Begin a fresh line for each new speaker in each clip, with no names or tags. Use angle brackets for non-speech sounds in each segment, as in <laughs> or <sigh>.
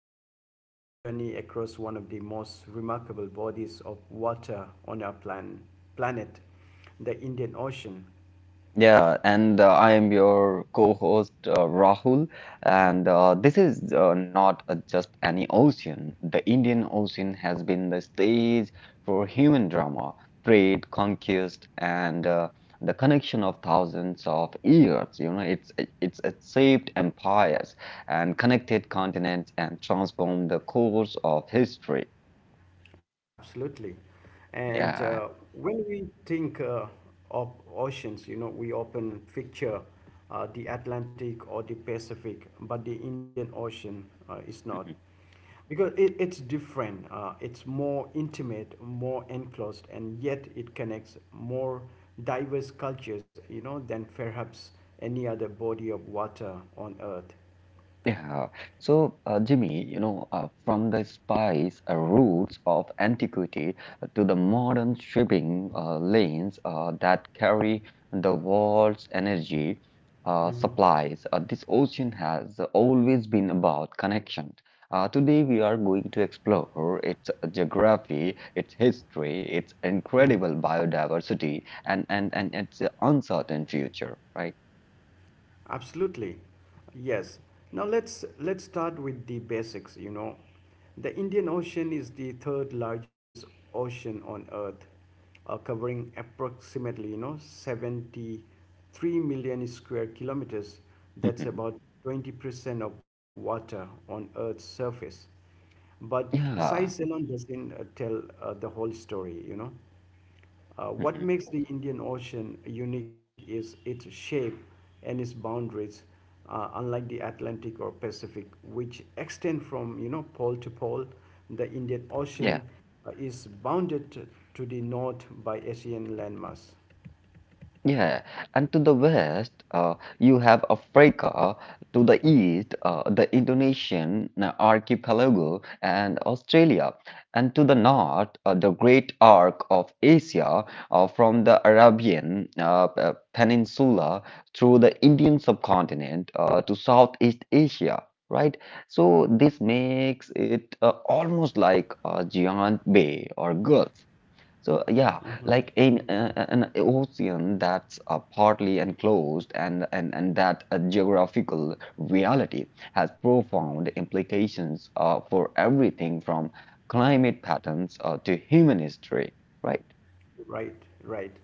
embarking on a journey across one of the most remarkable bodies of water on our planet, the Indian Ocean.
Yeah, and I am your co-host, Rahul, and this is not just any ocean. The Indian Ocean has been the stage for human drama, trade, conquest, and the connection of thousands of years. It shaped empires and connected continents and transformed the course of history.
Absolutely. And
Yeah.
uh, when we think of oceans, you know, we often picture the Atlantic or the Pacific, but the Indian Ocean is not. Because it's different, it's more intimate, more enclosed, and yet it connects more diverse cultures, you know, than perhaps any other body of water on Earth.
Yeah. So, Jimmy, from the spice routes of antiquity to the modern shipping lanes that carry the world's energy
Mm-hmm.
supplies, this ocean has always been about connection. Today, we are going to explore its geography, its history, its
Mm-hmm.
incredible biodiversity, and its uncertain future, right?
Absolutely. Yes. Now let's start with the basics. The Indian Ocean is the third largest ocean on earth, covering approximately, you know, 73 million square kilometers. That's
<laughs>
about 20% of water on earth's surface. But size
Yeah.
alone doesn't tell the whole story. What
Mhm.
makes the Indian Ocean unique is its shape and its boundaries, unlike the Atlantic or Pacific, which extend from you know pole to pole. The Indian
Yeah.
Ocean is bounded to the north by Asian landmass.
Yeah, and to the west, you have Africa; to the east, the Indonesian archipelago and Australia; and to the north, the great arc of Asia, from the Arabian Peninsula through the Indian subcontinent to Southeast Asia, right? So this makes it almost like a giant bay or gulf. So yeah, like in an ocean that's partly enclosed, and that a geographical reality has profound implications for everything from climate patterns to human history, right?
Right, right.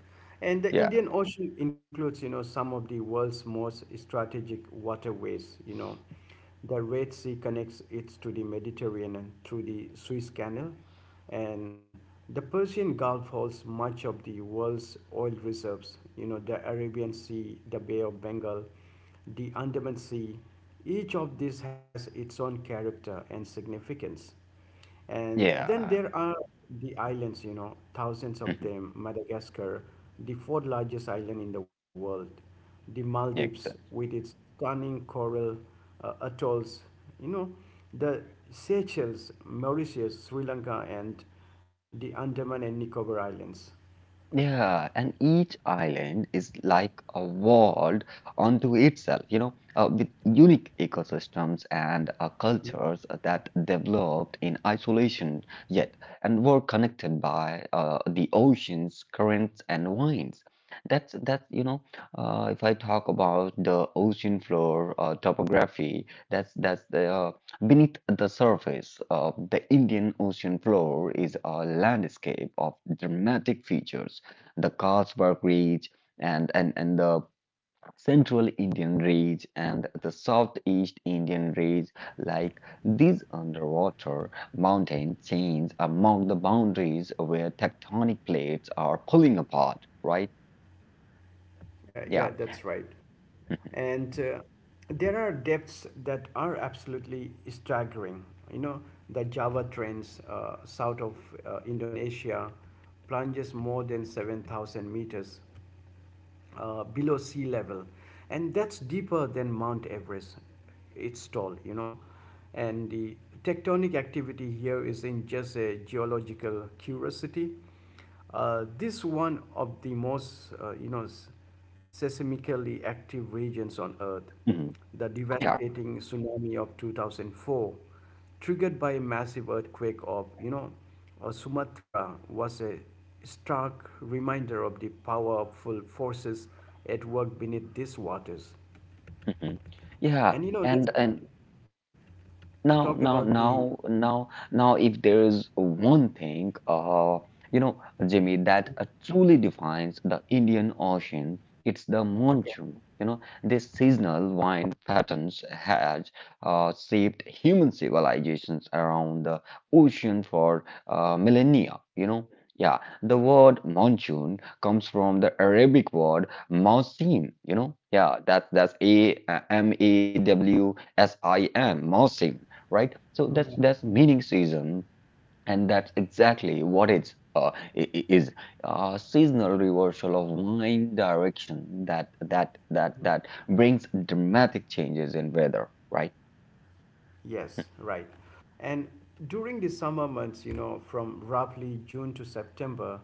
And the
Yeah,
Indian Ocean includes, you know, some of the world's most strategic waterways, you know. The Red Sea connects it to the Mediterranean and through the Suez Canal, and the Persian Gulf holds much of the world's oil reserves, you know, the Arabian Sea, the Bay of Bengal, the Andaman Sea. Each of these has its own character and significance. And then
yeah.
there are the islands, you know, thousands of
<laughs>
them. Madagascar, the fourth largest island in the world. The Maldives,
Exactly.
with its stunning coral atolls, you know, the Seychelles, Mauritius, Sri Lanka, and the Andaman and Nicobar Islands.
Yeah, and each island is like a world unto itself, with unique ecosystems and
Uh,
cultures that developed in isolation yet and were connected by the oceans, currents, and winds. That's that. If I talk about the ocean floor topography, that's the beneath the surface of the Indian Ocean floor is a landscape of dramatic features, the Karlsberg Ridge and the Central Indian Ridge and the Southeast Indian Ridge. Like, these underwater mountain chains are among the boundaries where tectonic plates are pulling apart, right?
yeah,
Yeah.
that's right. And there are depths that are absolutely staggering. You know, the Java Trench, south of Indonesia plunges more than 7,000 meters below sea level, and that's deeper than Mount Everest, it's tall, you know. And the tectonic activity here isn't just a geological curiosity. This one of the most seismically active regions on earth.
Mhm.
The
Yeah.
devastating tsunami of 2004 triggered by a massive earthquake of you know Sumatra was a stark reminder of the powerful forces at work beneath these waters.
Mhm. Yeah.
And you know, let's
And Now,
talk
now,
about the
now, now, now, if there's one thing, Jimmy, that truly defines the Indian Ocean, it's the
Okay.
monsoon. This seasonal wind patterns has shaped human civilizations around the ocean for millennia. Yeah, the word monsoon comes from the Arabic word mausim. Yeah, that's A, mawsim, mausim, right? So that's meaning season, and that's exactly what it's is, a seasonal reversal of wind direction that brings dramatic changes in weather, right?
Yes, right. And during the summer months, you know, from roughly June to September,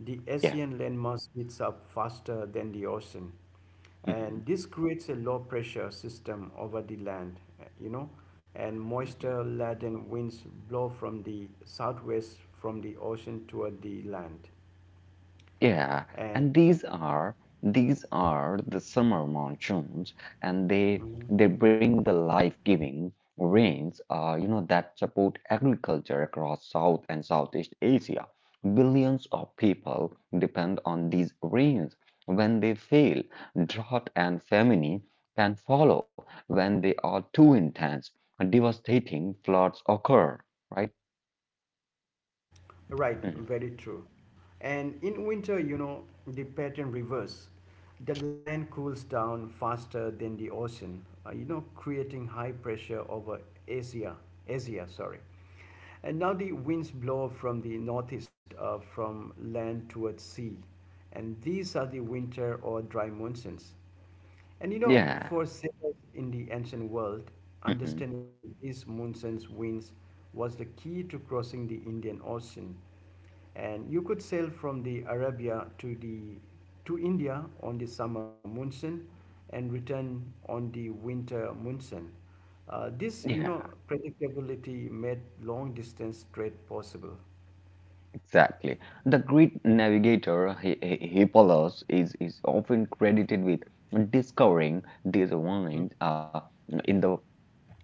the
Yeah.
Asian landmass heats up faster than the ocean.
Mhm.
And this creates a low pressure system over the land, and
Mhm.
moisture laden winds blow from the southwest from the ocean toward the land.
Yeah,
And
and these are the summer monsoons, and they bring the life-giving rains, that support agriculture across South and Southeast Asia. Billions of people depend on these rains. When they fail, drought and famine can follow. When they are too intense, devastating floods occur, right?
Right,
Mhm.
very true. And in winter, you know, the pattern reverse. The land cools down faster than the ocean, creating high pressure over Asia. Asia, sorry. And now the winds blow from the northeast, from land towards sea. And these are the winter or dry monsoons. And you know,
Yeah.
for sailors in the ancient world,
Mhm.
understanding these monsoon's winds was the key to crossing the Indian Ocean. And you could sail from the Arabia to the to India on the summer monsoon and return on the winter monsoon. This, you
Yeah.
know, predictability made long distance trade possible.
Exactly. The great navigator Hippolus is often credited with discovering these wines
Mm.
in the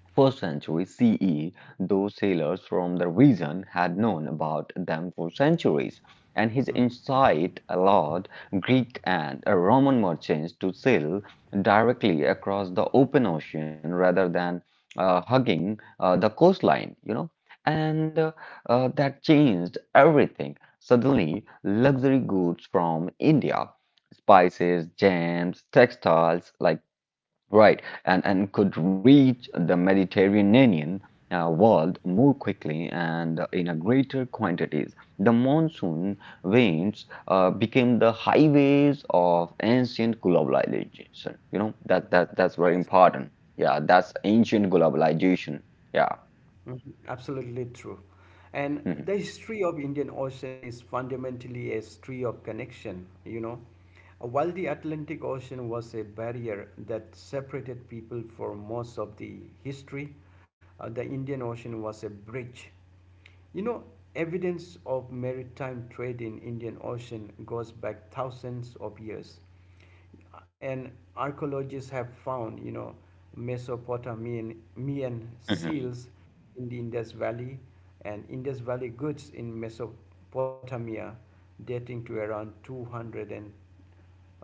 1st century CE. Those sailors from the region had known about them for centuries, and his insight allowed Greek and Roman merchants to sail directly across the open ocean rather than hugging the coastline, and that changed everything. Suddenly, luxury goods from India, spices, gems, textiles, like, right, and could reach the Mediterranean world more quickly and in a greater quantities. The monsoon winds became the highways of ancient globalization. That's very
Yes.
important. Yeah, that's ancient globalization. Yeah.
Mhm, absolutely true. And
Mhm.
the history of Indian Ocean is fundamentally a history of connection, you know. While the Atlantic Ocean was a barrier that separated people for most of the history, the Indian Ocean was a bridge. You know, evidence of maritime trade in Indian Ocean goes back thousands of years, and archaeologists have found, you know, Mesopotamian Mian
Mhm.
seals in the Indus Valley and Indus Valley goods in Mesopotamia dating to around 200 and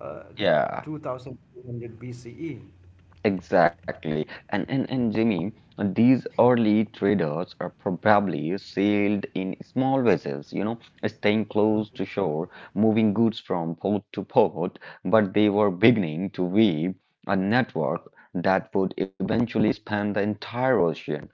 uh,
Yeah.
2200 BCE.
Exactly. And Jimmy, these early traders are probably sailed in small vessels, staying close to shore, moving goods from port to port, but they were beginning to weave a network that would eventually span the entire ocean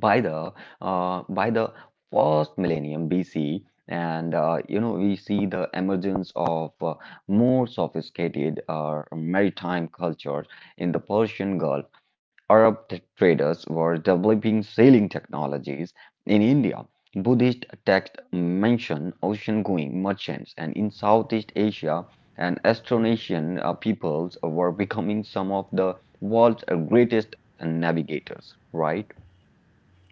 by the uh, by the first millennium BC, and we see the emergence of more sophisticated maritime cultures in the Persian Gulf. Arab traders were developing sailing technologies in India. Buddhist texts mention ocean-going merchants, and in Southeast Asia, and Austronesian peoples were becoming some of the world's greatest navigators, right?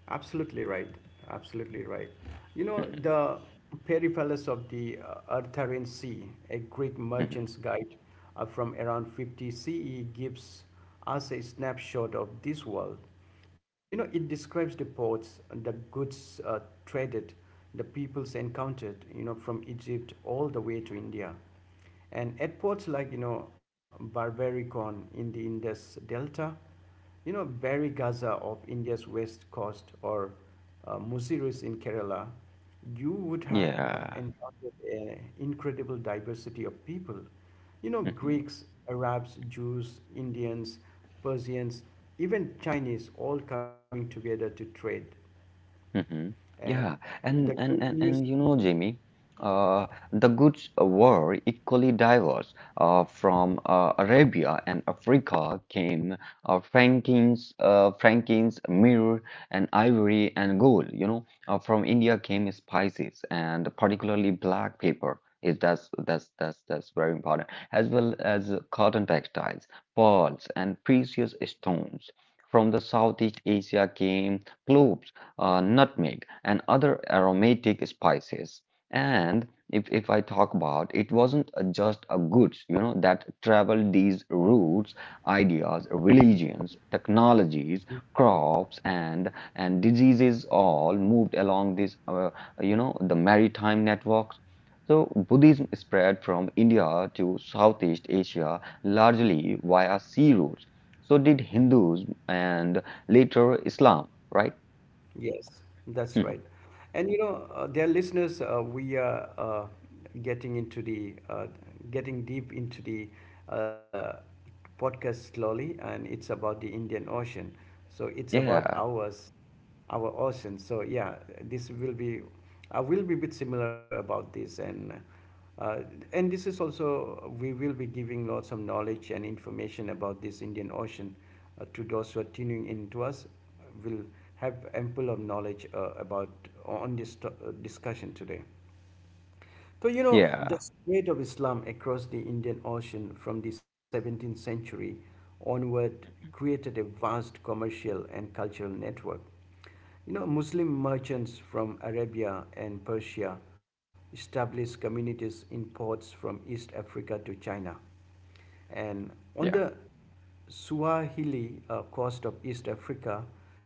Absolutely right. Absolutely right. You know,
Mm-hmm.
the Peripallus of the Artarian Sea, a Greek
Mhm.
merchant's guide from around 50 CE, gives us a snapshot of this world. You know, it describes the ports, the goods traded, the peoples encountered, you know, from Egypt all the way to India. And at ports like, you know, Barbaricon in the Indus Delta, you know, Bari Gaza of India's west coast, or Muziris in Kerala, you would have
Yeah.
encountered an incredible diversity of people, you know,
Mhm.
Greeks, Arabs, Jews, Indians, Persians, even Chinese, all coming together to trade.
Mhm.
And
Yeah,
the
and and
good
and
news
and Jamie, uh, the goods were equally diverse. From Arabia and Africa came uh, Frankins, myrrh, and ivory and gold. From India came spices and particularly black pepper. Is That's very important, as well as cotton textiles, pearls, and precious stones. From the Southeast Asia came cloves, nutmeg, and other aromatic spices. And if I talk about, it wasn't just a goods, that traveled these routes. Ideas, religions, technologies, crops, and diseases all moved along this, the maritime networks. So Buddhism spread from India to Southeast Asia largely via sea routes. So did Hinduism and later Islam, right?
Yes, that's right.
Hmm.
And you know, dear listeners, we are getting into the getting deep into the uh, podcast slowly, and it's about the Indian Ocean. So it's about
Yeah,
ours, our ocean. So yeah, this will be, I will be a bit similar about this, uh, and this is also we will be giving lots of knowledge and information about this Indian Ocean to those who are tuning in to us will have ample of knowledge about on this discussion today. So you know
yeah,
the spread of Islam across the Indian Ocean from the 17th century onward created a vast commercial and cultural network. You know, Muslim merchants from Arabia and Persia established communities in ports from East Africa to China. And
yeah.
on the Swahili coast of East Africa,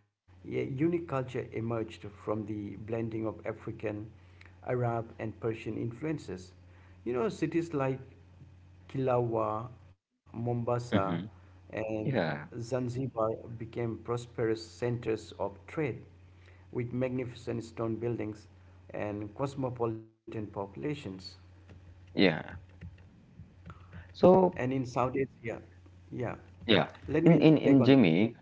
a unique culture emerged from the blending of African, Arab, and Persian influences. You know, cities like Kilawa,
Hmm.
Mombasa, and
Yeah,
Zanzibar became prosperous centers of trade with magnificent stone buildings and cosmopolitan populations.
yeah. So,
And in South Asia, yeah,
yeah,
let
in
me
in in
take on.
Jimmy,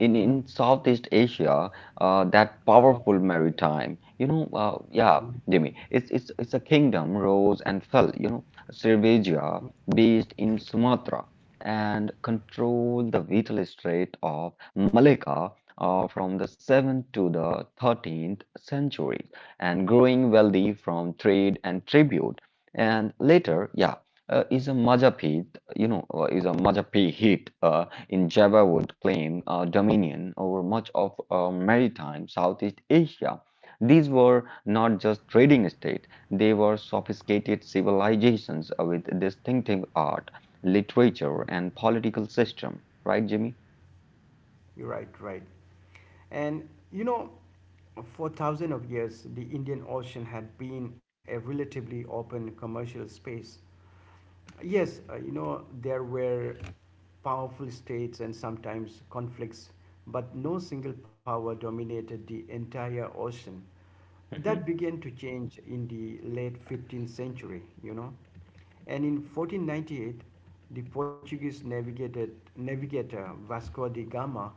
in
Mhm.
Southeast Asia, that
Okay.
powerful maritime, yeah,
Mhm.
Jimmy, it's a kingdom rose and fell, Srivijayan, based in Sumatra, and controlled the vital strait of Malacca, from the 7th to the 13th century, and growing wealthy from trade and tribute. And later, yeah, uh, is a Majapahit, is a Majapahit in Java would claim dominion over much of maritime Southeast Asia. These were not just trading states; they were sophisticated civilizations with distinctive art, literature, and political system. Right, Jimmy?
You're right, right. And you know, for thousands of years, the Indian Ocean had been a relatively open commercial space. Yes, you know, there were powerful states and sometimes conflicts, but no single power dominated the entire ocean. That
Hmm.
began to change in the late 15th century, you know. And in 1498, the Portuguese navigator Vasco da Gama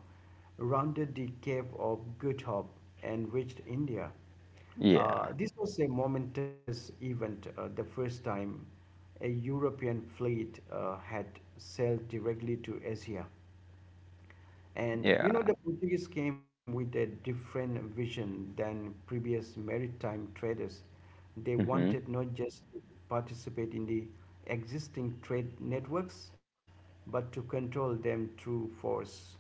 rounded the Cape of Good Hope and reached India.
Yeah,
This was a momentous event, the first time a European fleet had sailed directly to Asia. And
yeah.
you know, the Portuguese came with a different vision than previous maritime traders. They
Mm-hmm.
wanted not just to participate in the existing trade networks, but to control them through force.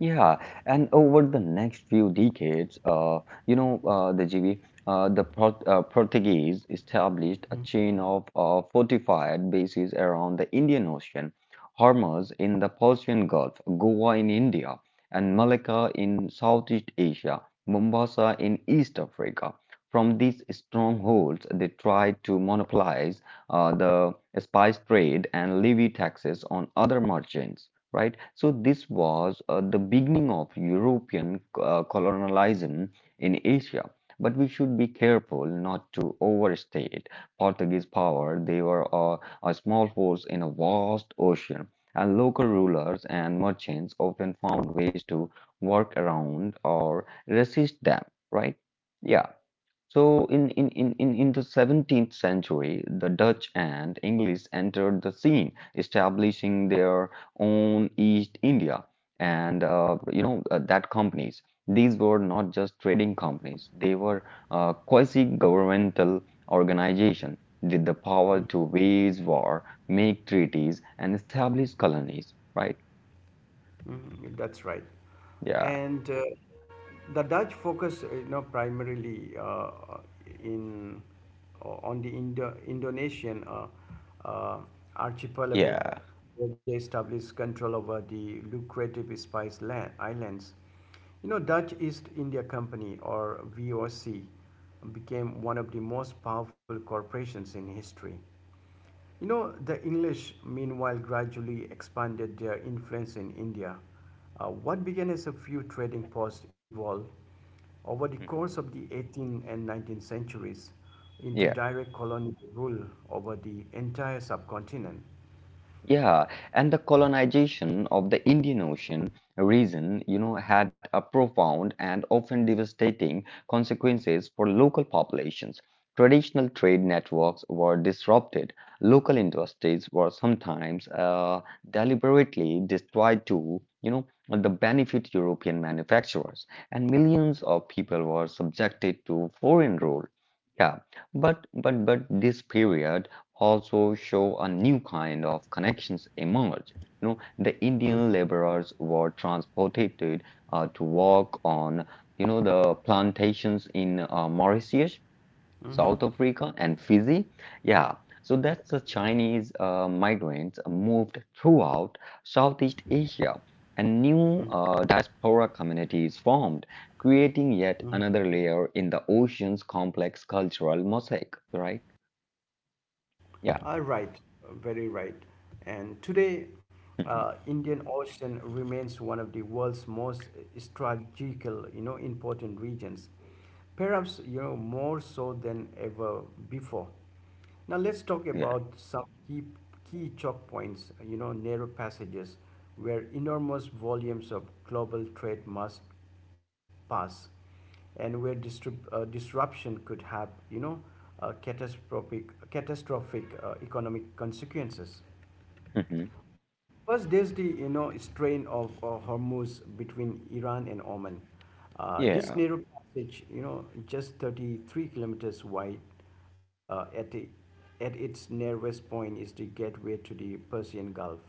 Yeah, and over the next few decades, you know, uh, the GB, the Port Portuguese established a chain of fortified bases around the Indian Ocean: Hormuz in the Persian Gulf, Goa in India, and Malacca in Southeast Asia, Mombasa in East Africa. From these strongholds, they tried to monopolize the spice trade and levy taxes on other merchants, right? So this was the beginning of European colonialism in Asia. But we should be careful not to overstate Portuguese power. They were a small force in a vast ocean, and local rulers and merchants often found ways to work around or resist them, right? Yeah. So in the 17th century, the Dutch and English entered the scene, establishing their own East India and that companies. These were not just trading companies; they were quasi-governmental organization with the power
Mm,
to wage war, make treaties, and establish colonies. Right?
that's right.
Yeah.
And the Dutch focus, you know, primarily in on the Indonesian uh, archipelago,
Yeah.
where they established control over the lucrative Spice land, Islands. You know, Dutch East India Company, or VOC, became one of the most powerful corporations in history. You know, the English, meanwhile, gradually expanded their influence in India. What began as a few trading posts evolved over the course
Mhm.
of the 18th and 19th centuries into
Yeah.
direct colonial rule over the entire subcontinent.
Yeah, and the colonization of the Indian Ocean region, had a profound and often devastating consequences for local populations. Traditional trade networks were disrupted. Local industries were sometimes deliberately destroyed to, the benefit European manufacturers, and millions of people were subjected to foreign rule. Yeah, but this period also show a new kind of connections emerge. The Indian laborers were transported to work on, the plantations in Mauritius, South
Mhm,
Africa, and Fiji. Yeah, so that's the Chinese migrants moved throughout Southeast Asia, and new
mhm,
diaspora communities formed, creating yet
mhm.
another layer in the ocean's complex cultural mosaic. Right? Yeah.
Uh, right, very right. And today, Indian Ocean remains one of the world's most strategical, you know, important regions, perhaps you know more so than ever before. Now let's talk
<laughs> Yeah.
about some key choke points, you know, narrow passages where enormous volumes of global trade must pass, and where disruption could have you know catastrophic economic consequences.
Hmm.
First, there's the you know strain of Hormuz between Iran and Oman.
Yeah,
This narrow passage you know just 33 kilometers wide uh, at, the, at its narrowest point is the gateway to the Persian Gulf.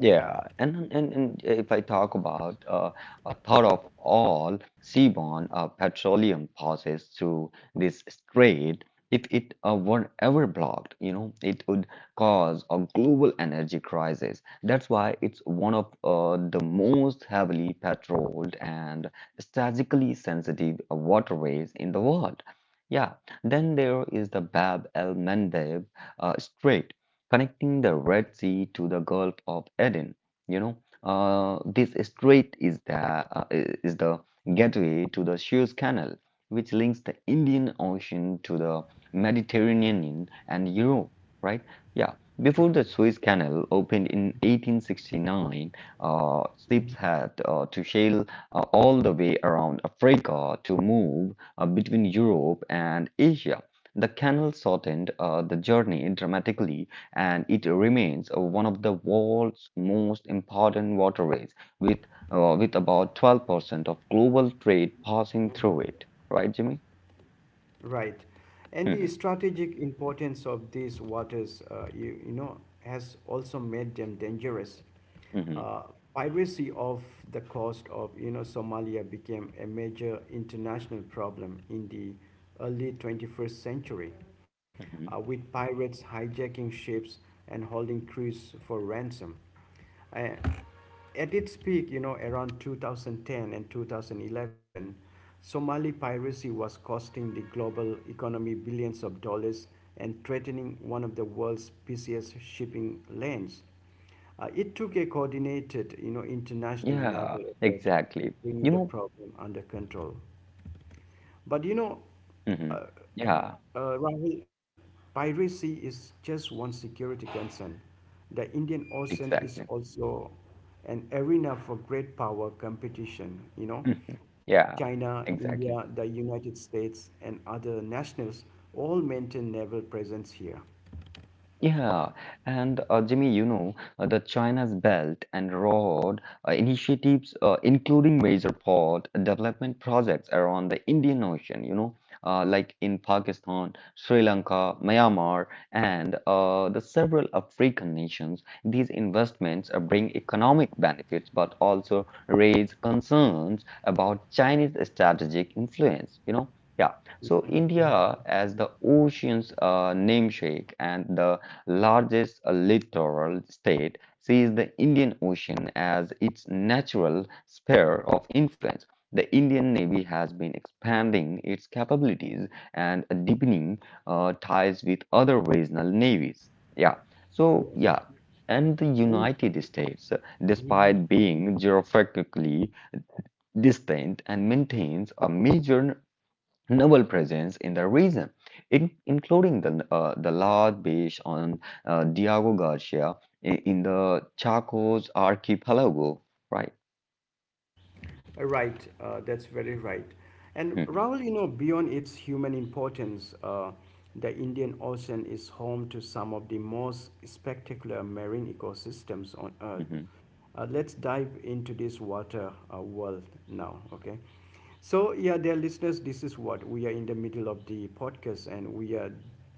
yeah. And if I talk about, a third of all seaborne petroleum passes through this strait. If it were ever blocked, it would cause a global energy crisis. That's why it's one of the most heavily patrolled and strategically sensitive waterways in the world. Yeah, then there is the Bab el-Mandeb Strait, connecting the Red Sea to the Gulf of Aden. You know, this strait is the is the gateway to the Suez Canal, which links the Indian Ocean to the Mediterranean and Europe. Right? Yeah. Before the Suez Canal opened in 1869, uh, ships had to sail all the way around Africa to move between Europe and Asia. The canal shortened the journey dramatically, and it remains one of the world's most important waterways, with with about 12% of global trade passing through it. Right, Jimmy?
Right. And the
Hmm.
strategic importance of these waters, you know, has also made them dangerous.
Hmm.
Uh, Piracy of the coast of, you know, Somalia became a major international problem in the early 21st century,
Hmm.
with pirates hijacking ships and holding crews for ransom. I, at its peak, you know, around 2010 and 2011, Somali piracy was costing the global economy billions of dollars and threatening one of the world's busiest shipping lanes. It took a
Yeah,
coordinated, you know,
exactly. You
international
know,
naval effort to bring the problem under control. But
hmm.
uh,
Yeah,
Rahul, piracy is just one security concern. The Indian Ocean is
exactly. <laughs>
also an arena for great power competition. You know,
Mhm. Yeah,
China, India,
exactly.
the United States, and other nationals all maintain naval presence here.
Yeah, and Jimmy, the China's Belt and Road initiatives, including major port development projects around the Indian Ocean, like in Pakistan, Sri Lanka, Myanmar, and the several African nations. These investments bring economic benefits, but also raise concerns about Chinese strategic influence. Yeah, so
Mhm.
India, as the ocean's namesake and the largest littoral state, sees the Indian Ocean as its natural sphere of influence. The Indian Navy has been expanding its capabilities and deepening ties with other regional navies. Yeah, so
Yes.
yeah, and the
And,
United States,
Mhm.
despite being geographically distant and maintains a major novel presence in the region, including the large based on Diego Garcia in the Chaco's archipelago, right?
Right, that's very right. And
Mhm,
Rahul, you know, beyond its human importance, the Indian Ocean is home to some of the most spectacular marine ecosystems on Earth.
mhm.
Let's dive into this water world now, okay? So, yeah, dear listeners, this is what we are in the middle of the podcast, and we are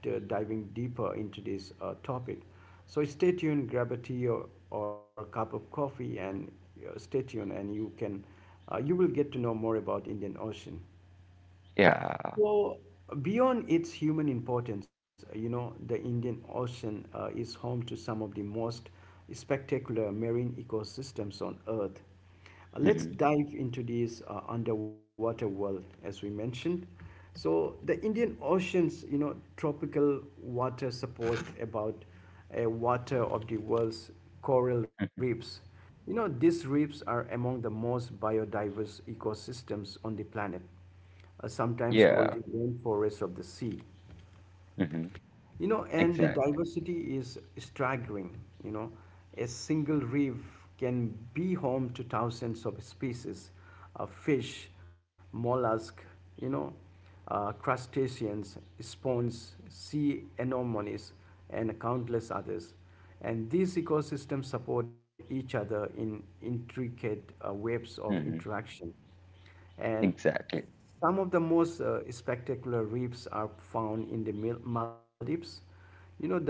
diving deeper into this topic. So, stay tuned, grab a tea, or cup of coffee, and stay tuned, and you can you will get to know more about Indian Ocean.
Yeah.
So, beyond its human importance, you know, the Indian Ocean is home to some of the most spectacular marine ecosystems on Earth. Let's
Mhm,
dive into this underwater world, as we mentioned. So, the Indian Ocean's, you know, tropical water support about a water of the world's coral
mhm.
reefs. You know, these reefs are among the most biodiverse ecosystems on the planet, sometimes called the
Yeah.
rainforest of the sea.
Mhm.
And the
Exactly.
diversity is staggering. You know, a single reef can be home to thousands of species of fish, mollusk, you know, crustaceans, spawns, sea anemones, and countless others. And these ecosystems support each other in intricate webs of
Mhm.
interaction. And
Exactly.
some of the most spectacular reefs are found in the Maldives. You know, the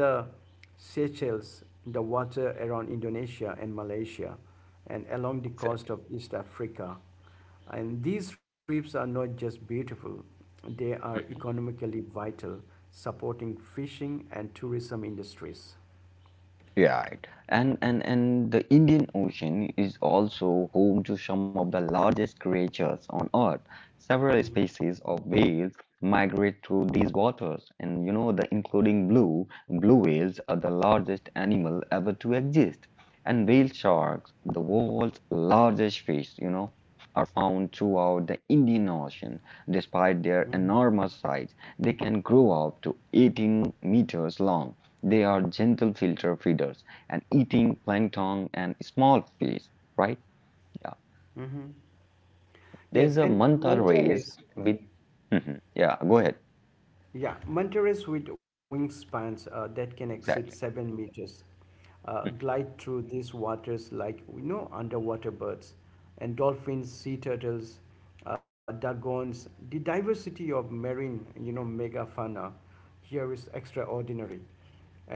Seychelles, the water around Indonesia and Malaysia, and along the coast
Exactly.
of East Africa. And these reefs are not just beautiful, they are
Mhm.
economically vital, supporting fishing and tourism industries.
Yeah, right. And the Indian Ocean is also home to some of the largest creatures on Earth. Several
Mhm,
species of whales migrate through these waters, and you know the including blue whales are the largest animal ever to exist. And whale sharks, the world's largest fish, you know, are found throughout the Indian Ocean. Despite their
mhm,
enormous size, they can grow up to 18 meters long. They are gentle filter feeders and eating plankton and small fish, right? Yeah.
mhm.
There's
Yes,
a
and
manta rays
Mantares.
with, <laughs> mhm. Yeah, go ahead.
Yeah, mantares with wingspans that can exceed
Exactly.
7 meters
Mhm.
glide through these waters like, we know, underwater birds and dolphins, sea turtles, dugongs. The diversity of marine, you know, megafauna here is extraordinary.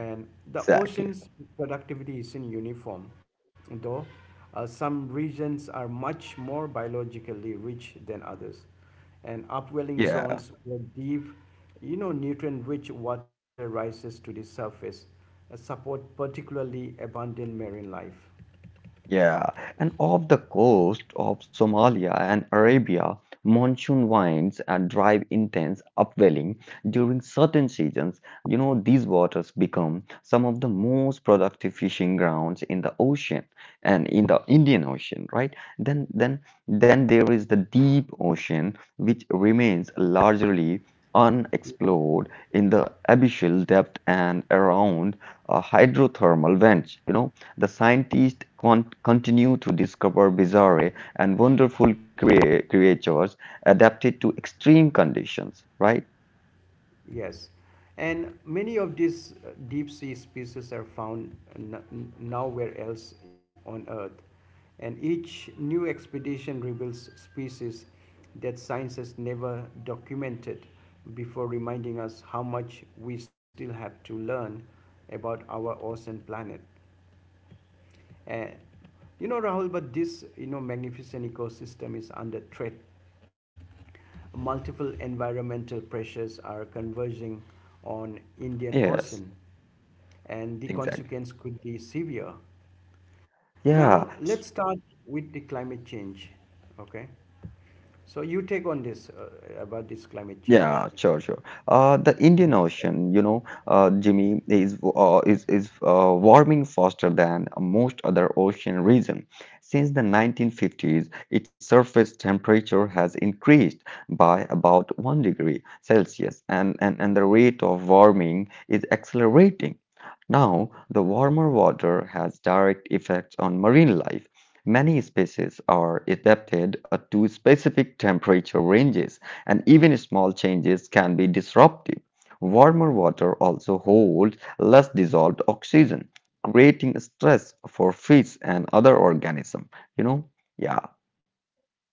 And the
Exactly.
ocean's productivity isn't uniform, though some regions are much more biologically rich than others, and upwelling
Yeah.
zones where deep, you know, nutrient-rich water rises to the surface, support particularly abundant marine life.
Yeah, and off the coast of Somalia and Arabia, monsoon winds and drive intense upwelling during certain seasons. You know, these waters become some of the most productive fishing grounds in the ocean and in the Indian Ocean, right? Then, then, then there is the deep ocean, which remains largely unexplored in the abyssal depth and around hydrothermal vents. You know, the scientists continue to discover bizarre and wonderful creatures adapted to extreme conditions, right?
Yes, and many of these deep sea species are found nowhere else on Earth, and each new expedition reveals species that science has never documented before, reminding us how much we still have to learn about our ocean planet. And you know, Rahul, but this, you know, magnificent ecosystem is under threat. Multiple environmental pressures are converging on Indian
Yes,
Ocean, and the
exactly.
consequence could be severe.
Yeah.
Now let's start with the climate change. Okay, so you take on this about this climate
Yeah,
change.
sure, sure. The Indian Ocean, Jimmy, is warming faster than most other ocean region. Since the 1950s, its surface temperature has increased by about 1 degree Celsius, and the rate of warming is accelerating. Now, the warmer water has direct effects on marine life. Many species are adapted to specific temperature ranges, and even small changes can be disruptive. Warmer water also holds less dissolved oxygen, creating stress for fish and other organisms. You know, yeah.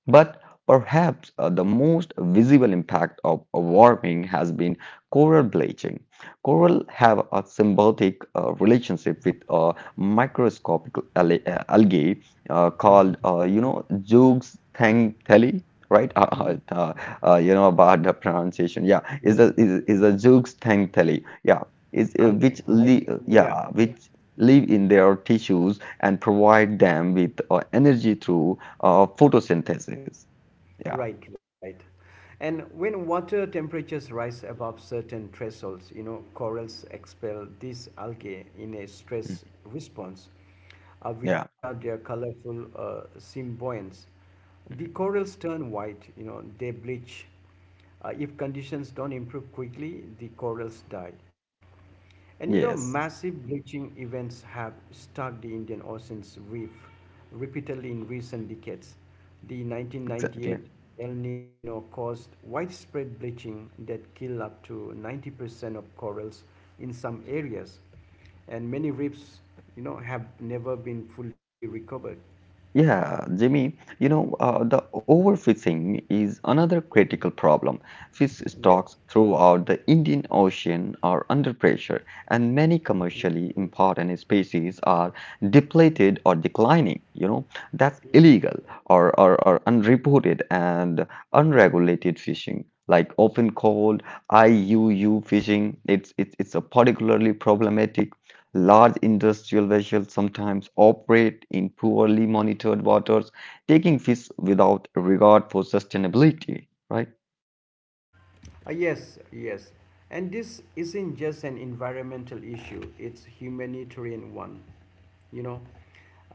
But perhaps the most visible impact of warming has been coral bleaching. Coral have a symbiotic relationship with microscopic algae called, zooxanthellae. Right. <laughs>
Mhm.
You know about the pronunciation. Yeah, is a
Yes,
is, is a zooxanthellae. Yeah, is
I think.
which
I
li
think. Yeah.
yeah which live in their tissues and provide them with energy through photosynthesis. Yeah.
Right, right. And when water temperatures rise above certain thresholds, you know, corals expel these algae in a
Mhm,
stress response,
yeah,
which are their colorful symbionts. The
mhm.
corals turn white, you know, they bleach. If conditions don't improve quickly, the corals die. And you know,
Yes,
massive bleaching events have struck the Indian Ocean's reef repeatedly in recent decades. The
exactly.
1998 El Nino caused widespread bleaching that killed up to 90% of corals in some areas, and many reefs, you know, have never been fully recovered.
Yeah, Jimmy, the overfishing is another critical problem. Fish
Yes.
stocks throughout the Indian Ocean are under pressure, and many commercially important species are depleted or declining. You know, that's illegal or unreported and unregulated fishing, like often called IUU fishing. It's a particularly problematic. Large industrial vessels sometimes operate in poorly monitored waters, taking fish without regard for sustainability, right?
Yes, yes. And this isn't just an environmental issue, it's humanitarian one. You know,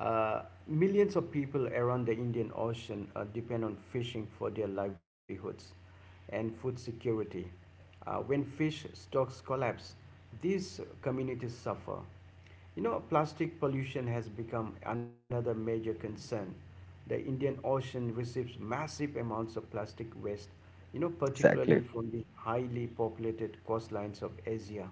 millions of people around the Indian Ocean depend on fishing for their livelihoods and food security. When fish stocks collapse, these communities suffer. You know, plastic pollution has become another major concern. The Indian Ocean receives massive amounts of plastic waste, you know, particularly
Exactly.
from the highly populated coastlines of Asia.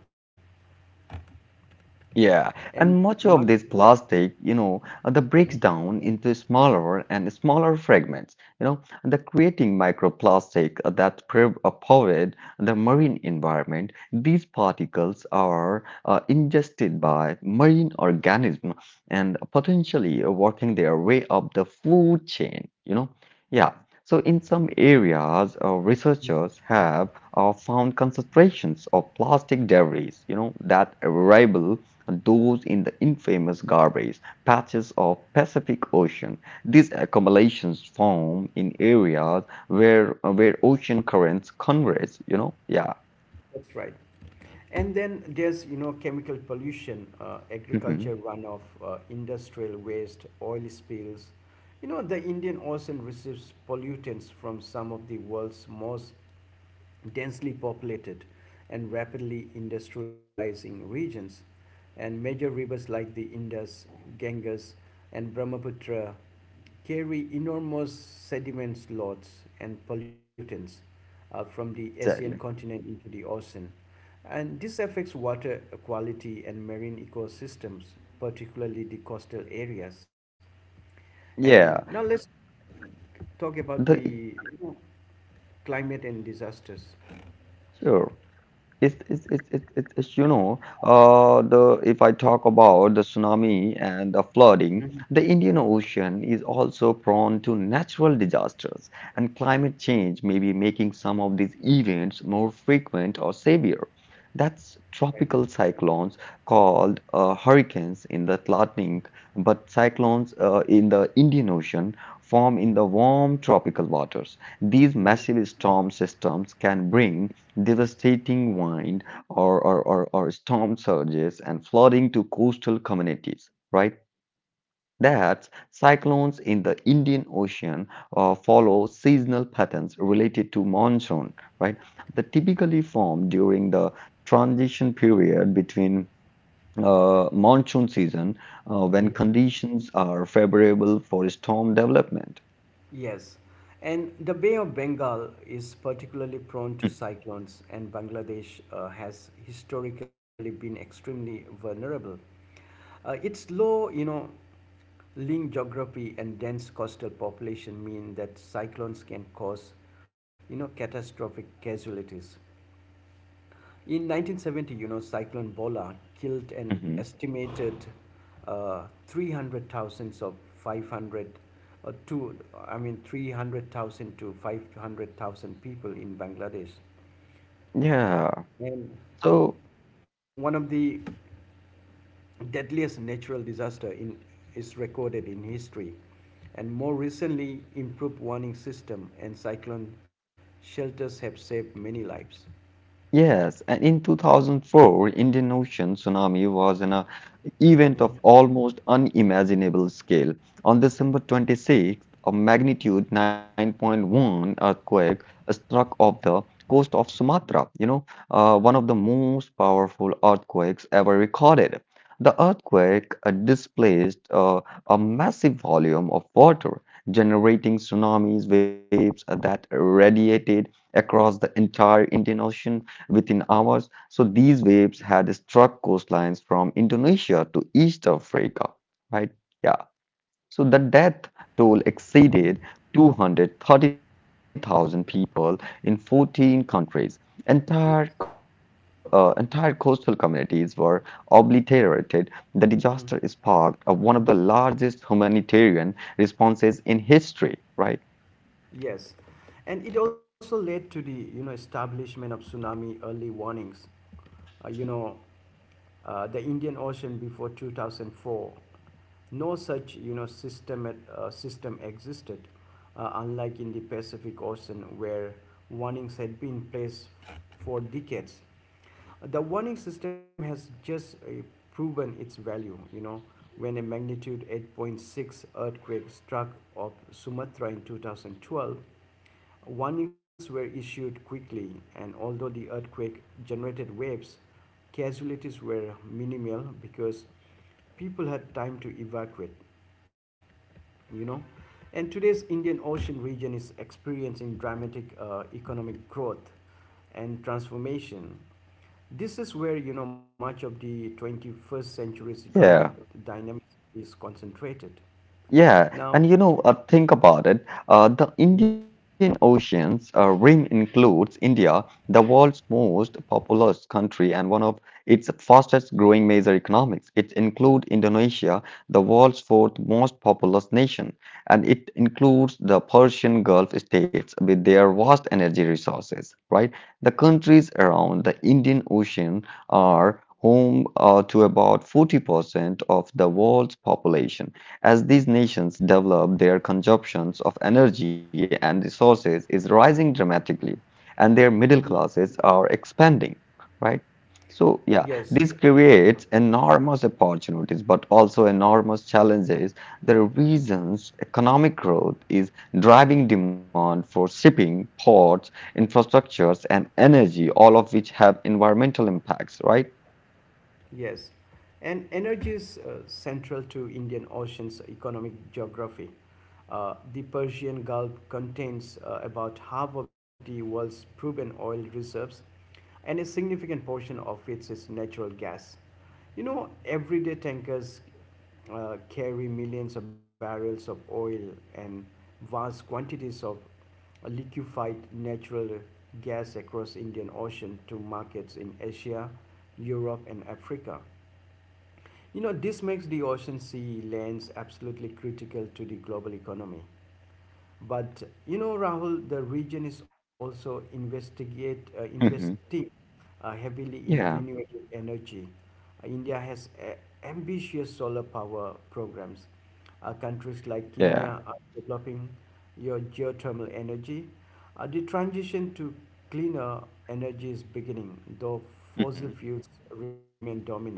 Yeah,
And
and much
much,
of this plastic, that breaks down into smaller and smaller fragments, you know, and the creating microplastic that pollute the marine environment. These particles are ingested by marine organisms and potentially working their way up the food chain, you know. Yeah. So in some areas, researchers have found concentrations of plastic debris, that rival those in the infamous garbage patches of Pacific Ocean. These accumulations form in areas where ocean currents converge, you know? Yeah.
that's right. And then there's, you know, chemical pollution,
Mhm.
agriculture runoff, industrial waste, oil spills. You know, the Indian Ocean receives pollutants from some of the world's most densely populated and rapidly industrializing regions. And major rivers like the Indus, Ganges, and Brahmaputra carry enormous sediments loads and pollutants from the Asian
Exactly.
continent into the ocean. And this affects water quality and marine ecosystems, particularly the coastal areas. And now
Yeah.
let's talk about the, you
The
know, climate and disasters.
Sure. You know the if I talk about the tsunami and the flooding,
Mhm.
the Indian Ocean is also prone to natural disasters, and climate change may be making some of these events more frequent or severe. That's
Right.
tropical cyclones called hurricanes in the Atlantic, but cyclones in the Indian Ocean form in the warm tropical waters. These massive storm systems can bring devastating wind or storm surges and flooding to coastal communities, right? That cyclones in the Indian Ocean follow seasonal patterns related to monsoon, right? They typically form during the transition period between monsoon season when
Mhm.
conditions are favorable for storm development.
Yes, and the Bay of Bengal is particularly prone to
Mhm.
cyclones, and Bangladesh has historically been extremely vulnerable. Its low, you know, lean geography and dense coastal population mean that cyclones can cause, you know, catastrophic casualties. In 1970, you know, Cyclone Bola killed an
Mhm.
estimated 300,000 of 500 to, I mean, 300,000 to 500,000 people in Bangladesh.
Yeah.
And
So
one of the deadliest natural disaster in, is recorded in history, and more recently improved warning system and cyclone shelters have saved many lives.
yes, and in 2004, Indian Ocean tsunami was an event of
Mhm.
almost unimaginable scale. On December 26th, a magnitude 9.1 earthquake struck off the coast of Sumatra, one of the most powerful earthquakes ever recorded. The earthquake displaced a massive volume of water, generating tsunamis waves that radiated across the entire Indian Ocean within hours. So these waves had struck coastlines from Indonesia to East Africa, right? Yeah. So the death toll exceeded 230,000 people in 14 countries. Entire, co-
Yes.
uh, entire coastal communities were obliterated. The disaster sparked one of the largest humanitarian responses in history, right?
Yes, and it also led to the, you know, establishment of tsunami early warnings. Uh, you know, the Indian Ocean before 2004, no such, you know, system existed, unlike in the Pacific Ocean where warnings had been placed for decades. The warning system has just proven its value, you know, when a magnitude 8.6 earthquake struck off Sumatra in 2012. Warnings were issued quickly, and although the earthquake generated waves, casualties were minimal because people had time to evacuate, you know. And today's Indian Ocean region is experiencing dramatic economic growth and transformation. This is where, you know, much of the 21st century's economic
Yeah.
dynamics is concentrated.
Yeah, and
Now,
think about it. The Indian Ocean's rim includes India, the world's most populous country and one of its fastest growing major economics. It includes Indonesia, the world's fourth most populous nation, and it includes the Persian Gulf states with their vast energy resources, right? The countries around the Indian Ocean are home to about 40% of the world's population. As these nations develop, their consumptions of energy and resources is rising dramatically, and their middle
mhm.
classes are expanding, right? So, yeah,
Yes,
this creates enormous opportunities, but also enormous challenges. The reasons economic growth is driving demand for shipping, ports, infrastructures, and energy, all of which have environmental impacts, right?
yes, and energy is central to Indian Ocean's economic geography. The Persian Gulf contains about half of the world's proven oil reserves, and a significant portion of it is natural gas. You know, everyday tankers carry millions of barrels of oil and vast quantities of liquefied natural gas across Indian Ocean to markets in Asia, Europe and Africa. You know, this makes the ocean sea lanes absolutely critical to the global economy. But you know, Rahul, the region is also investigate
Hmm.
investing heavily in
Yeah,
renewable energy. India has ambitious solar power programs. Countries like
yeah.
Kenya are developing your geothermal energy. The transition to cleaner energy is beginning, though fossil fuels remain dominant.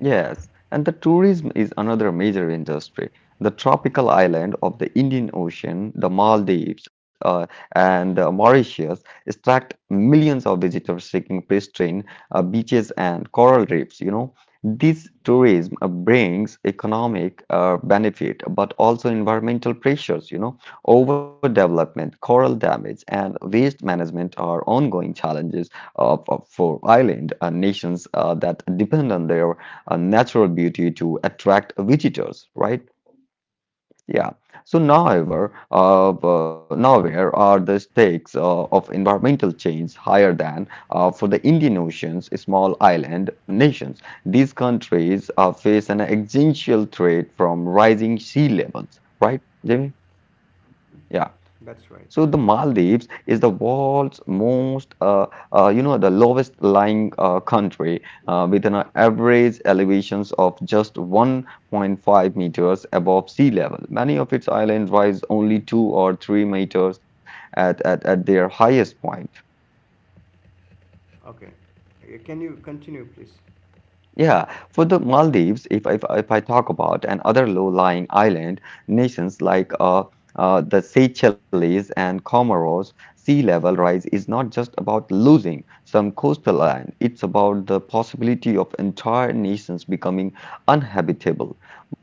Yes, and the tourism is another major industry. The tropical island of the Indian Ocean, the Maldives, and Mauritius attract millions of visitors seeking pristine beaches and coral reefs. You know, this tourism brings economic benefit, but also environmental pressures. You know, overdevelopment, coral damage, and waste management are ongoing challenges for island nations that depend on their a natural beauty to attract visitors, right? Yeah. So now, however, now where are the stakes of environmental change higher than for the Indian Ocean's small island nations? These countries face an existential threat from rising sea levels, right, Jamie? Yeah.
That's right.
So the Maldives is the world's most, you know, the lowest lying country with an average elevations of just 1.5 meters above sea level. Many of its islands rise only 2 or 3 meters at their highest point.
Okay. Can you continue, please?
Yeah, for the Maldives, if I talk about and other low-lying island nations like the Seychelles and Comoros, sea level rise is not just about losing some coastal land, it's about the possibility of entire nations becoming uninhabitable.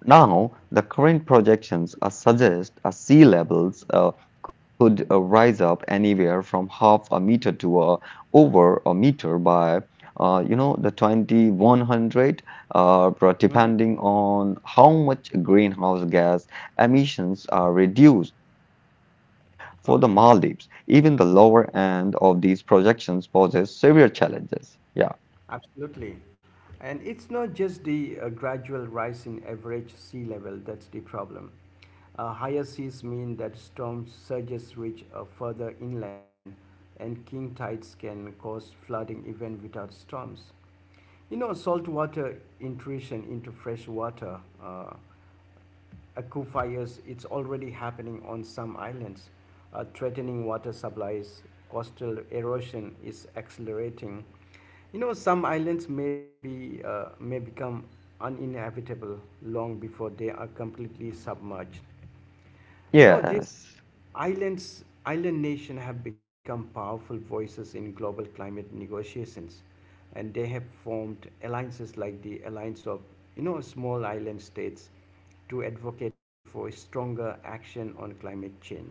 Now, the current projections suggest sea levels could rise up anywhere from half a meter to over a meter by the 2100,
Mhm.
depending on how much greenhouse gas emissions are reduced for the Maldives. Even the
Okay.
lower end of these projections poses severe challenges. Yeah.
Absolutely. And it's not just the gradual rise in average sea level that's the problem. Higher seas mean that storm surges reach further inland, and king tides can cause flooding even without storms. You know, saltwater intrusion into fresh water. Aku fires, it's already happening on some islands. Threatening water supplies, coastal erosion is accelerating. You know, some islands may become uninhabitable long before they are completely submerged. You know, these
Yes.
islands, island nations have become powerful voices in global climate negotiations, and they have formed alliances like the Alliance of, you know, Small Island States to advocate for stronger action on climate change.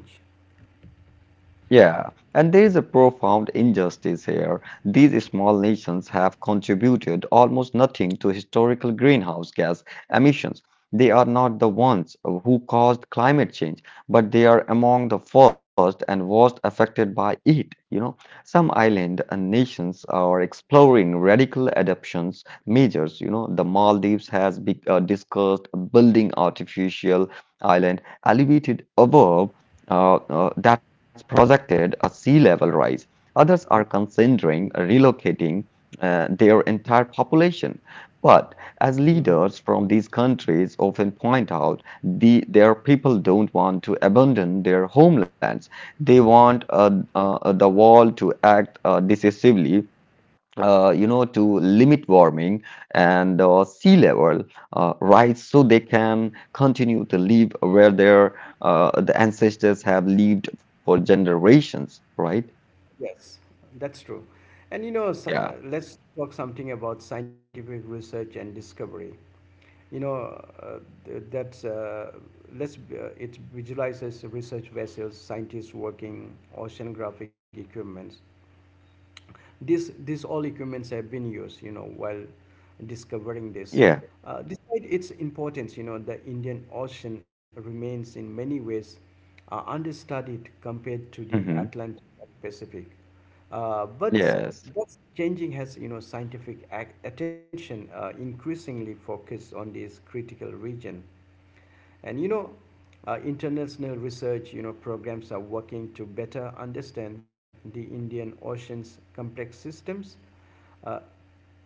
Yeah, and there is a profound injustice here. These small nations have contributed almost nothing to historical greenhouse gas emissions. They are not the ones who caused climate change, but they are among the first and worst affected by it. You know, some island and nations are exploring radical adoptions measures. You know, the Maldives has discussed building artificial island elevated above that's projected a sea level rise. Others are
Mhm.
considering relocating their entire population. But as
Mhm.
leaders from these countries often point out, the, their people don't want to abandon their homelands. They want the world to act decisively, to limit warming and sea level rise so they can continue to live where their the ancestors have lived for generations, right?
Yes, that's true. And you know,
Yeah.
let's talk something about scientific research and discovery. You know th- that's let's b- It visualizes research vessels scientists working oceanographic equipments. This all equipments have been used, you know, while discovering this.
Yeah.
Despite its importance, you know, the Indian Ocean remains in many ways understudied compared to the
Hmm.
Atlantic and Pacific. But
Yes.
that's changing has, you know, scientific attention increasingly focused on this critical region. And you know, international research, you know, programs are working to better understand the Indian Ocean's complex systems, uh,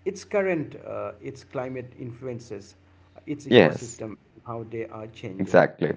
its current, its climate influences, its
Yes.
ecosystem, how they are changing.
Exactly.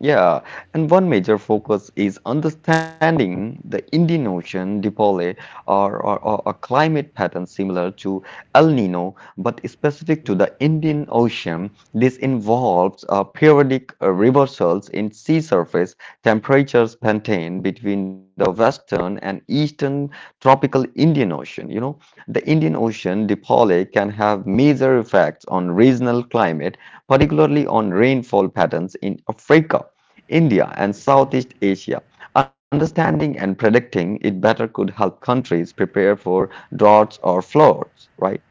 Yeah, and one major focus is understanding the Indian Ocean dipole or a climate pattern similar to El Nino, but specific to the Indian Ocean. This involves periodic reversals in sea surface temperatures maintained between the western and eastern tropical Indian Ocean. You know, the Indian Ocean dipole can have major effects on regional climate, particularly on rainfall patterns in Africa, India, and
Mhm.
Southeast Asia. Understanding and predicting it better could help countries prepare for droughts or floods, right?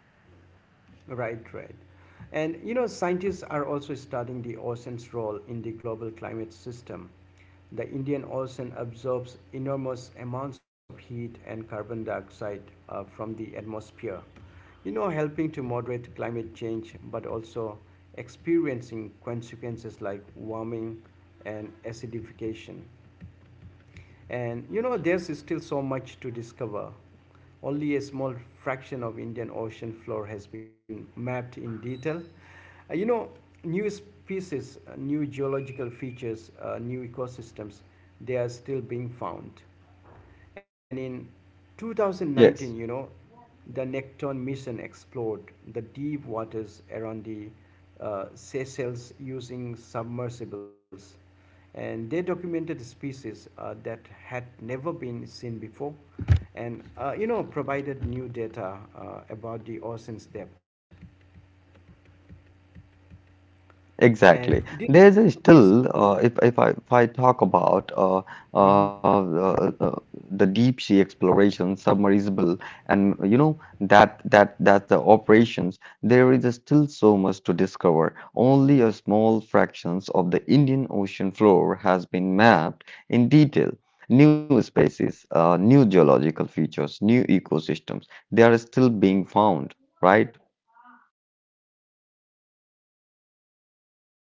Right, right. And you know, scientists are also studying the ocean's role in the global climate system. The Indian Ocean absorbs enormous amounts of heat and carbon dioxide from the atmosphere, you know, helping to moderate climate change but also experiencing consequences like warming and acidification. And you know, there's still so much to discover. Only a small fraction of Indian ocean floor has been mapped in detail. You know, new species, new geological features, new ecosystems, they are still being found. And in 2019, you
Yes.
know, the Necton mission explored the deep waters around the Seychelles using submersibles. And they documented species that had never been seen before and, you know, provided new data about the ocean's depth. And
Exactly.
these
There's a
discoveries.
still, if I talk about uh,
Mhm.
uh, uh, the deep sea exploration, submersible, and you know that the operations, there is still so much to discover. Only a small fractions of the Indian Ocean floor has been mapped in detail. New species, new geological features, new ecosystems, they are still being found, right?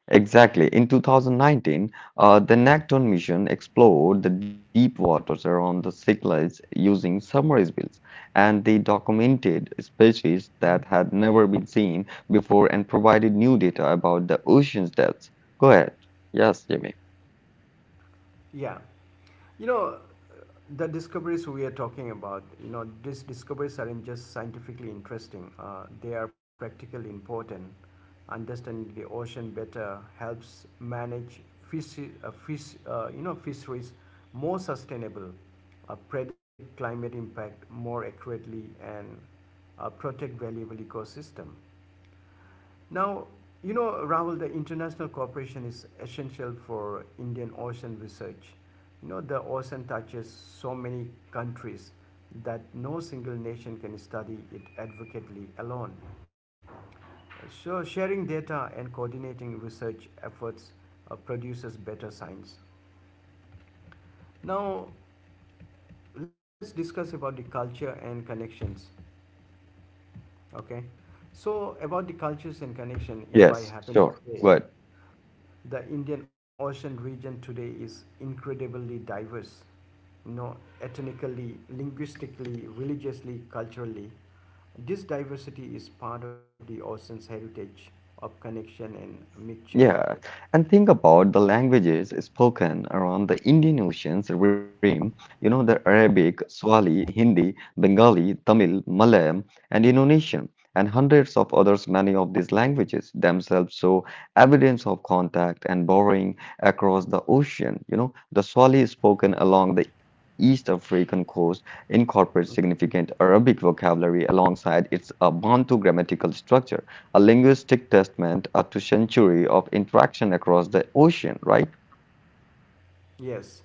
Exactly. In 2019, the Nekton mission explored the deep waters around the Cyclades using submersibles, and they documented species
Mhm.
that had never been seen before and provided new data about the ocean's depths. Go ahead. Yes, Jimmy.
Yeah. You know, the discoveries we are talking about, you know, these discoveries aren't just scientifically interesting, they are practically important. Understanding the ocean better helps manage you know, fisheries more sustainable, predict climate impact more accurately, and protect valuable ecosystem. Now, you know, Rahul, the international cooperation is essential for Indian Ocean research. You know, the ocean touches so many countries that no single nation can study it adequately alone. So, sharing data and coordinating research efforts produces better science. Now, let's discuss about the culture and connections. Okay, so about the cultures and connection,
Yes,
if I
sure.
happen to
Good.
say. The Indian Ocean region today is incredibly diverse, you know, ethnically, linguistically, religiously, culturally. This diversity is part of the ocean's heritage of connection and mixture.
Yeah, and think about the languages spoken around the Indian Ocean's rim. You know, the Arabic, Swahili, Hindi, Bengali, Tamil, Malayalam, and Indonesian, and hundreds of others. Many of these languages themselves show evidence of contact and borrowing across the ocean. You know, the Swahili spoken along the East African coast incorporates significant Arabic vocabulary alongside its Bantu grammatical structure, a linguistic testament to century of interaction across the ocean, right?
Yes,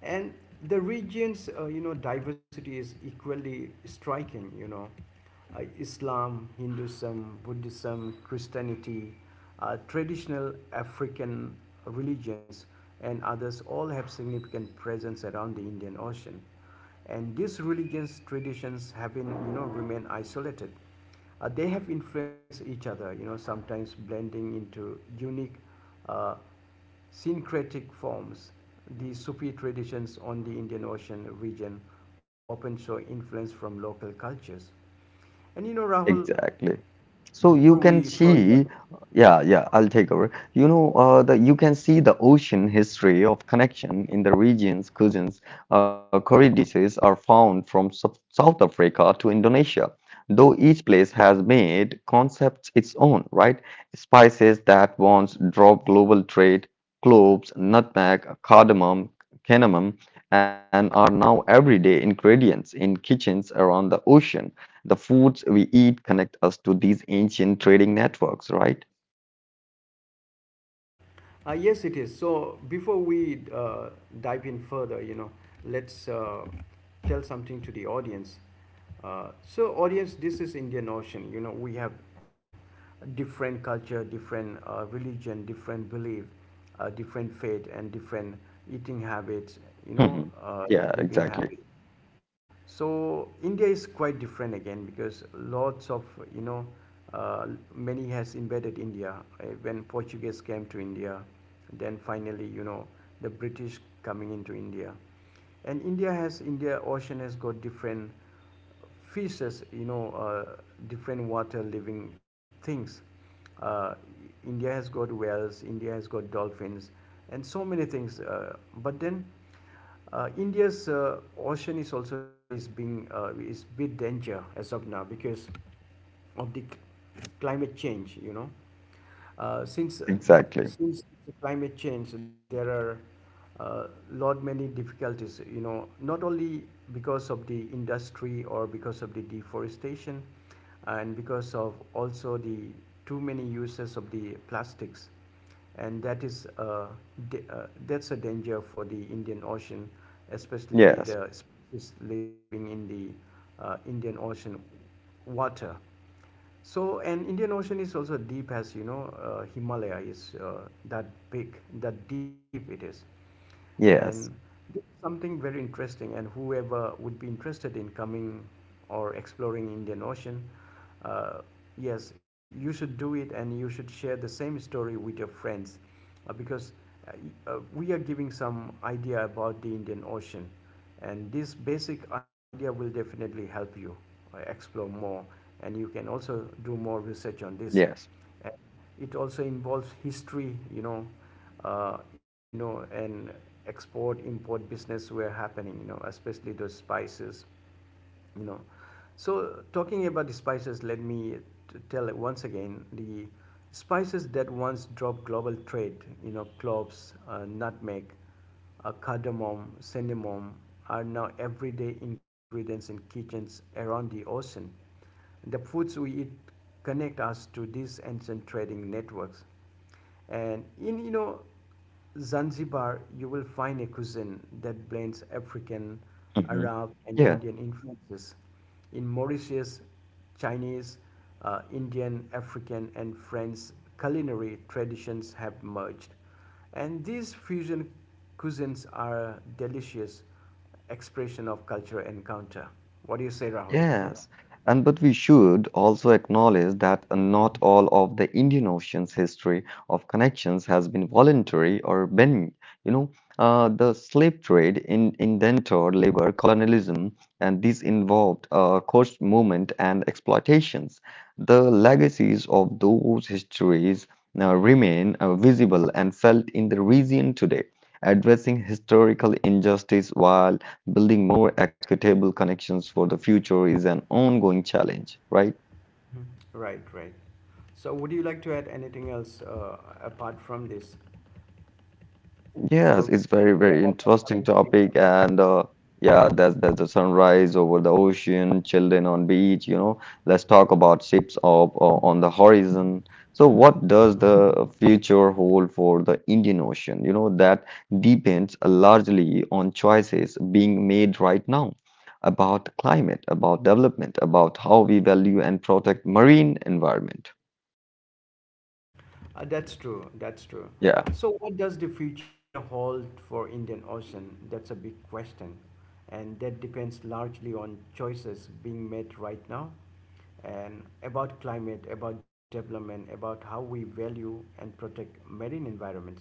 and the region's, you know, diversity is equally striking. You know, Islam, Hinduism, Buddhism, Christianity, traditional African religions, and others all have significant presence around the Indian Ocean, and these religions traditions have been, you know, remain isolated, they have influenced each other, you know, sometimes blending into unique uh, syncretic forms. The sufi traditions on the indian ocean region often show influence from local cultures. And you know, Rahul,
Exactly. So you
before
can
we further,
see, yeah, yeah, I'll take over. You know, you can see the ocean history of connection in the regions cousins, curry dishes are found from South Africa to Indonesia, though each place has made concepts its own, right? Spices that once drove global trade, cloves, nutmeg, cardamom, cinnamon, and are now everyday ingredients in kitchens around the ocean. The foods we eat connect us to these ancient trading networks, right?
Yes, it is. So before we dive in further, you know, let's tell something to the audience. So, audience, this is Indian Ocean. You know, we have different culture, different religion, different belief, different faith, and different eating habits. You know,
Mhm.
uh,
Yeah,
living
exactly.
habits. So India is quite different again because lots of you know uh, many has invaded india when portuguese came to india then finally, the british coming into india. And india ocean has got different fishes, different water living things. Uh, India has got whales, India has got dolphins, and so many things. But then, India's ocean is also is being is bit danger as of now because of the climate change. Uh, since uh, since
Exactly.
the climate change there are lot many difficulties, not only because of the industry or because of the deforestation, and because of also the too many uses of the plastics. And that that's a danger for the Indian Ocean, especially the
Yes.
species living in the Indian Ocean water. So, and Indian Ocean is also deep. As you know, Himalaya is that big, that deep it is. And
Yes.
this is something very interesting. And whoever would be interested in coming or exploring Indian Ocean, uh, yes, you should do it, and you should share the same story with your friends, because uh, we are giving some idea about the Indian Ocean, and this basic idea will definitely help you explore more, and you can also do more research on this.
Yes.
And it also involves history. And export import business were happening, you know, especially those spices, you know. So talking about the spices, let me tell it once again: the spices that once drove global trade, you know, cloves, nutmeg, cardamom, cinnamon, are now everyday ingredients in kitchens around the ocean. The foods we eat connect us to these ancient trading networks. And in, you know, Zanzibar, you will find a cuisine that blends African,
Mhm.
Arab, and
Yeah.
Indian influences. In Mauritius, Chinese, Indian, African, and French culinary traditions have merged. And these fusion cuisines are delicious expression of cultural encounter. What do you say, Rahul?
Yes, and but we should also acknowledge that not all of the Indian Ocean's history of connections has been voluntary. Or been, you know, uh, the slave trade in indentured labor, colonialism, and these involved coast movement and exploitations. The legacies of those histories remain visible and felt in the region today. Addressing historical injustice while building more equitable connections for the future is an ongoing challenge, right?
Mhm. Right, right. So would you like to add anything else apart from this?
Yes,
So
it's very,
yeah,
very
almost
interesting
coming to the
topic, and yeah,
end.
that's the sunrise over the ocean, children on beach. You know, let's talk about ships of on the horizon. So, what
Mhm.
does the future hold for the Indian Ocean? You know, that depends largely on choices being made right now about climate, about development, about how we value and protect marine environment.
That's true. That's true.
Yeah,
So, what does the future hold for Indian Ocean? That's a big question, and that depends largely on choices being made right now, and about climate, about development, about how we value and protect marine environments.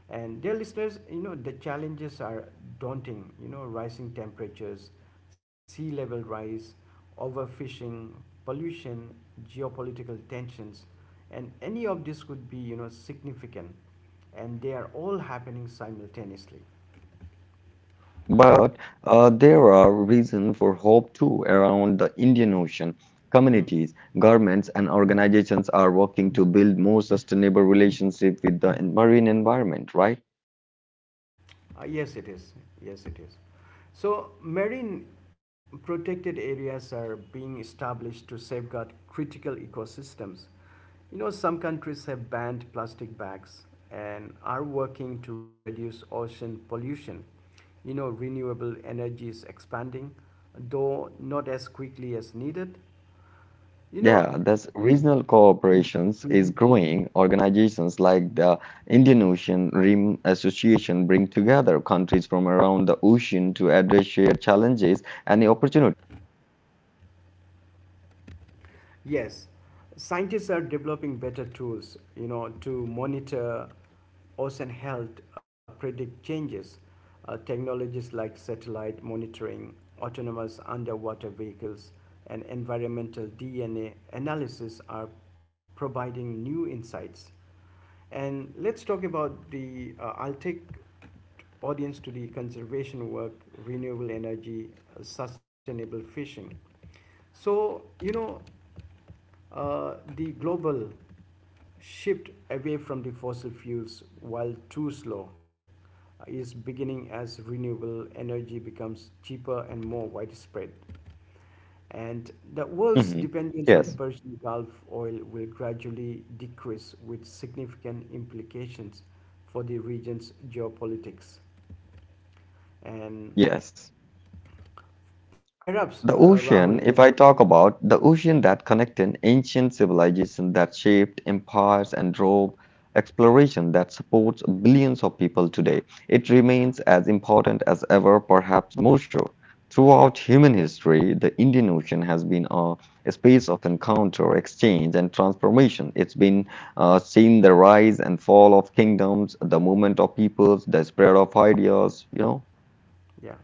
And dear listeners, you know the challenges are daunting. You know, rising temperatures, sea level rise, overfishing, pollution, geopolitical tensions, and any of this could be, you know, significant, and they are all happening simultaneously.
but there are reasons for hope too around the Indian Ocean.
Mm.
Communities, governments, and organizations are working to build more sustainable relationship with the marine environment, right?
Yes it is, yes it is. So marine protected areas are being established to safeguard critical ecosystems. You know, some countries have banned plastic bags and are working to reduce ocean pollution. You know, renewable energy is expanding, though not as quickly as needed, you know.
Yeah, that's regional cooperations
Mhm.
is growing. Organizations like the Indian Ocean Rim Association bring together countries from around the ocean to address shared challenges and the opportunity.
Yes, scientists are developing better tools, you know, to monitor ocean health, predict changes. Technologies like satellite monitoring, autonomous underwater vehicles, and environmental DNA analysis are providing new insights. And let's talk about the. I'll take audience to the conservation work, renewable energy, sustainable fishing. So, you know, the global shift away from the fossil fuels, while too slow, is beginning as renewable energy becomes cheaper and more widespread. And the world's
Mhm.
dependence on
Yes,
Persian Gulf oil will gradually decrease, with significant implications for the region's geopolitics. And
yes.
perhaps,
The
Rahul, you
ocean, if I
know,
talk about the ocean that connected ancient civilization that shaped empires and drove exploration that supports billions of people today, it remains as important as ever, perhaps more so.
yeah,
Throughout human history, the Indian Ocean has been a space of encounter, exchange, and transformation. It's been seen the rise and fall of kingdoms, the movement of peoples, the spread of ideas, you know?
yeah.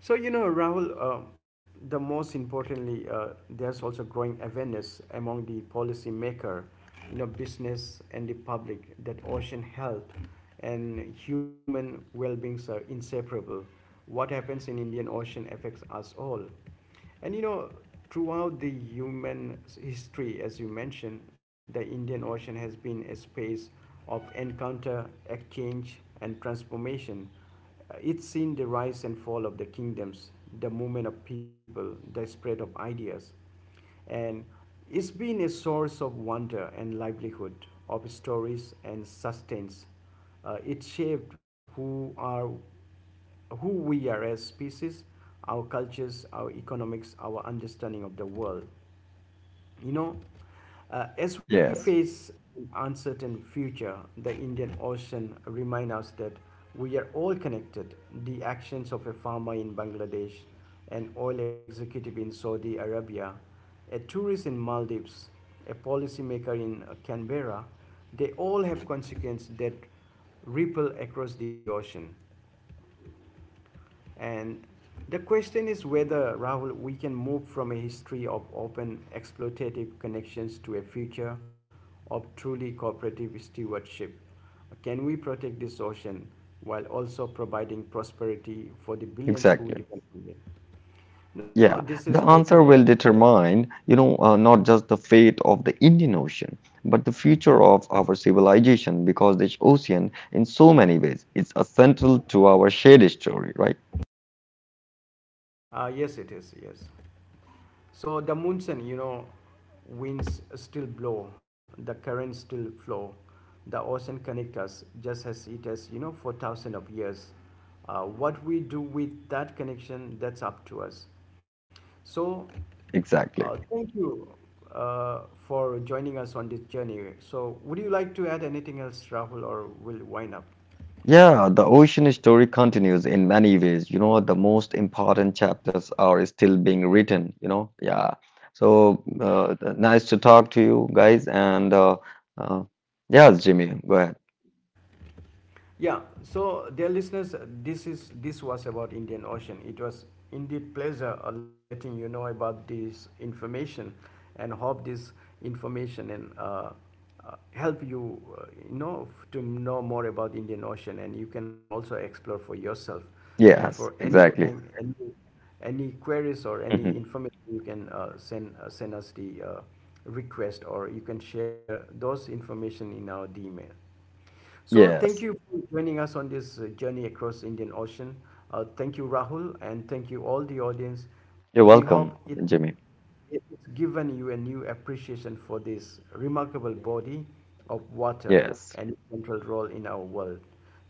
So, you know, Rahul, the most importantly, there's also growing awareness among the policymaker, you know, business and the public, that ocean health and human well-being are inseparable. What happens in Indian Ocean affects us all. And you know, throughout the human history, as you mentioned, the Indian Ocean has been a space of encounter, exchange, and transformation. It's seen the rise and fall of the kingdoms, the movement of people, the spread of ideas, and it's been a source of wonder and livelihood, of stories and sustains. It shaped who we are as species, our cultures, our economics, our understanding of the world. You know, as we
Yes,
face an uncertain future, the Indian Ocean reminds us that we are all connected. The actions of a farmer in Bangladesh, an oil executive in Saudi Arabia, a tourist in Maldives, a policymaker in Canberra, they all have consequences that ripple across the ocean. And the question is whether, Rahul, we can move from a history of open exploitative connections to a future of truly cooperative stewardship. Can we protect this ocean while also providing prosperity for the billions who
exactly.
depend on it? No,
Yeah,
this is
the answer
also,
will determine, not just the fate of the Indian Ocean, but the future of our civilization because this ocean, in so many ways, is a central to our shared story, right?
a, yes, it is, yes. So the monsoon, you know, winds still blow, the currents still flow, the ocean connects us just as it has, you know, for thousands of years. What we do with that connection, that's up to us. So,
Exactly.
thank you for joining us on this journey. So, would you like to add anything else, Rahul, or we'll wind up?
Yeah, the ocean story continues in many ways. You know, the most important chapters are still being written. Yeah. So, nice to talk to you guys. And uh, yes, Jimmy, go ahead.
Yeah, so dear listeners, this was about Indian Ocean. It was indeed pleasure letting you know about this information, and hope this information and help you, you know, to know more about Indian Ocean, and you can also explore for yourself. And for
Yes,
any time,
exactly.
any queries or any information, you can send us the request, or you can share those information in our email.
<laughs>
So thank
Yes.
you for joining us on this journey across Indian Ocean. Thank you, Rahul, and thank you all the audience.
You're
We
welcome,
hope it,
Jimmy.
it's given you a new appreciation for this remarkable body of water
Yes.
and its central role in our world.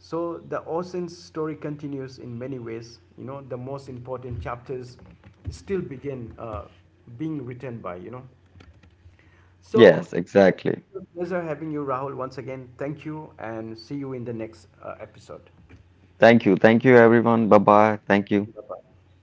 So the ocean's story continues in many ways. You know, the most important chapters still begin being written by, you know. So,
Yes,
it
exactly.
was a pleasure having you, Rahul, once again. Thank you, and see you in the next episode.
Thank you. Thank you, everyone. Bye bye. Thank you.
Bye bye.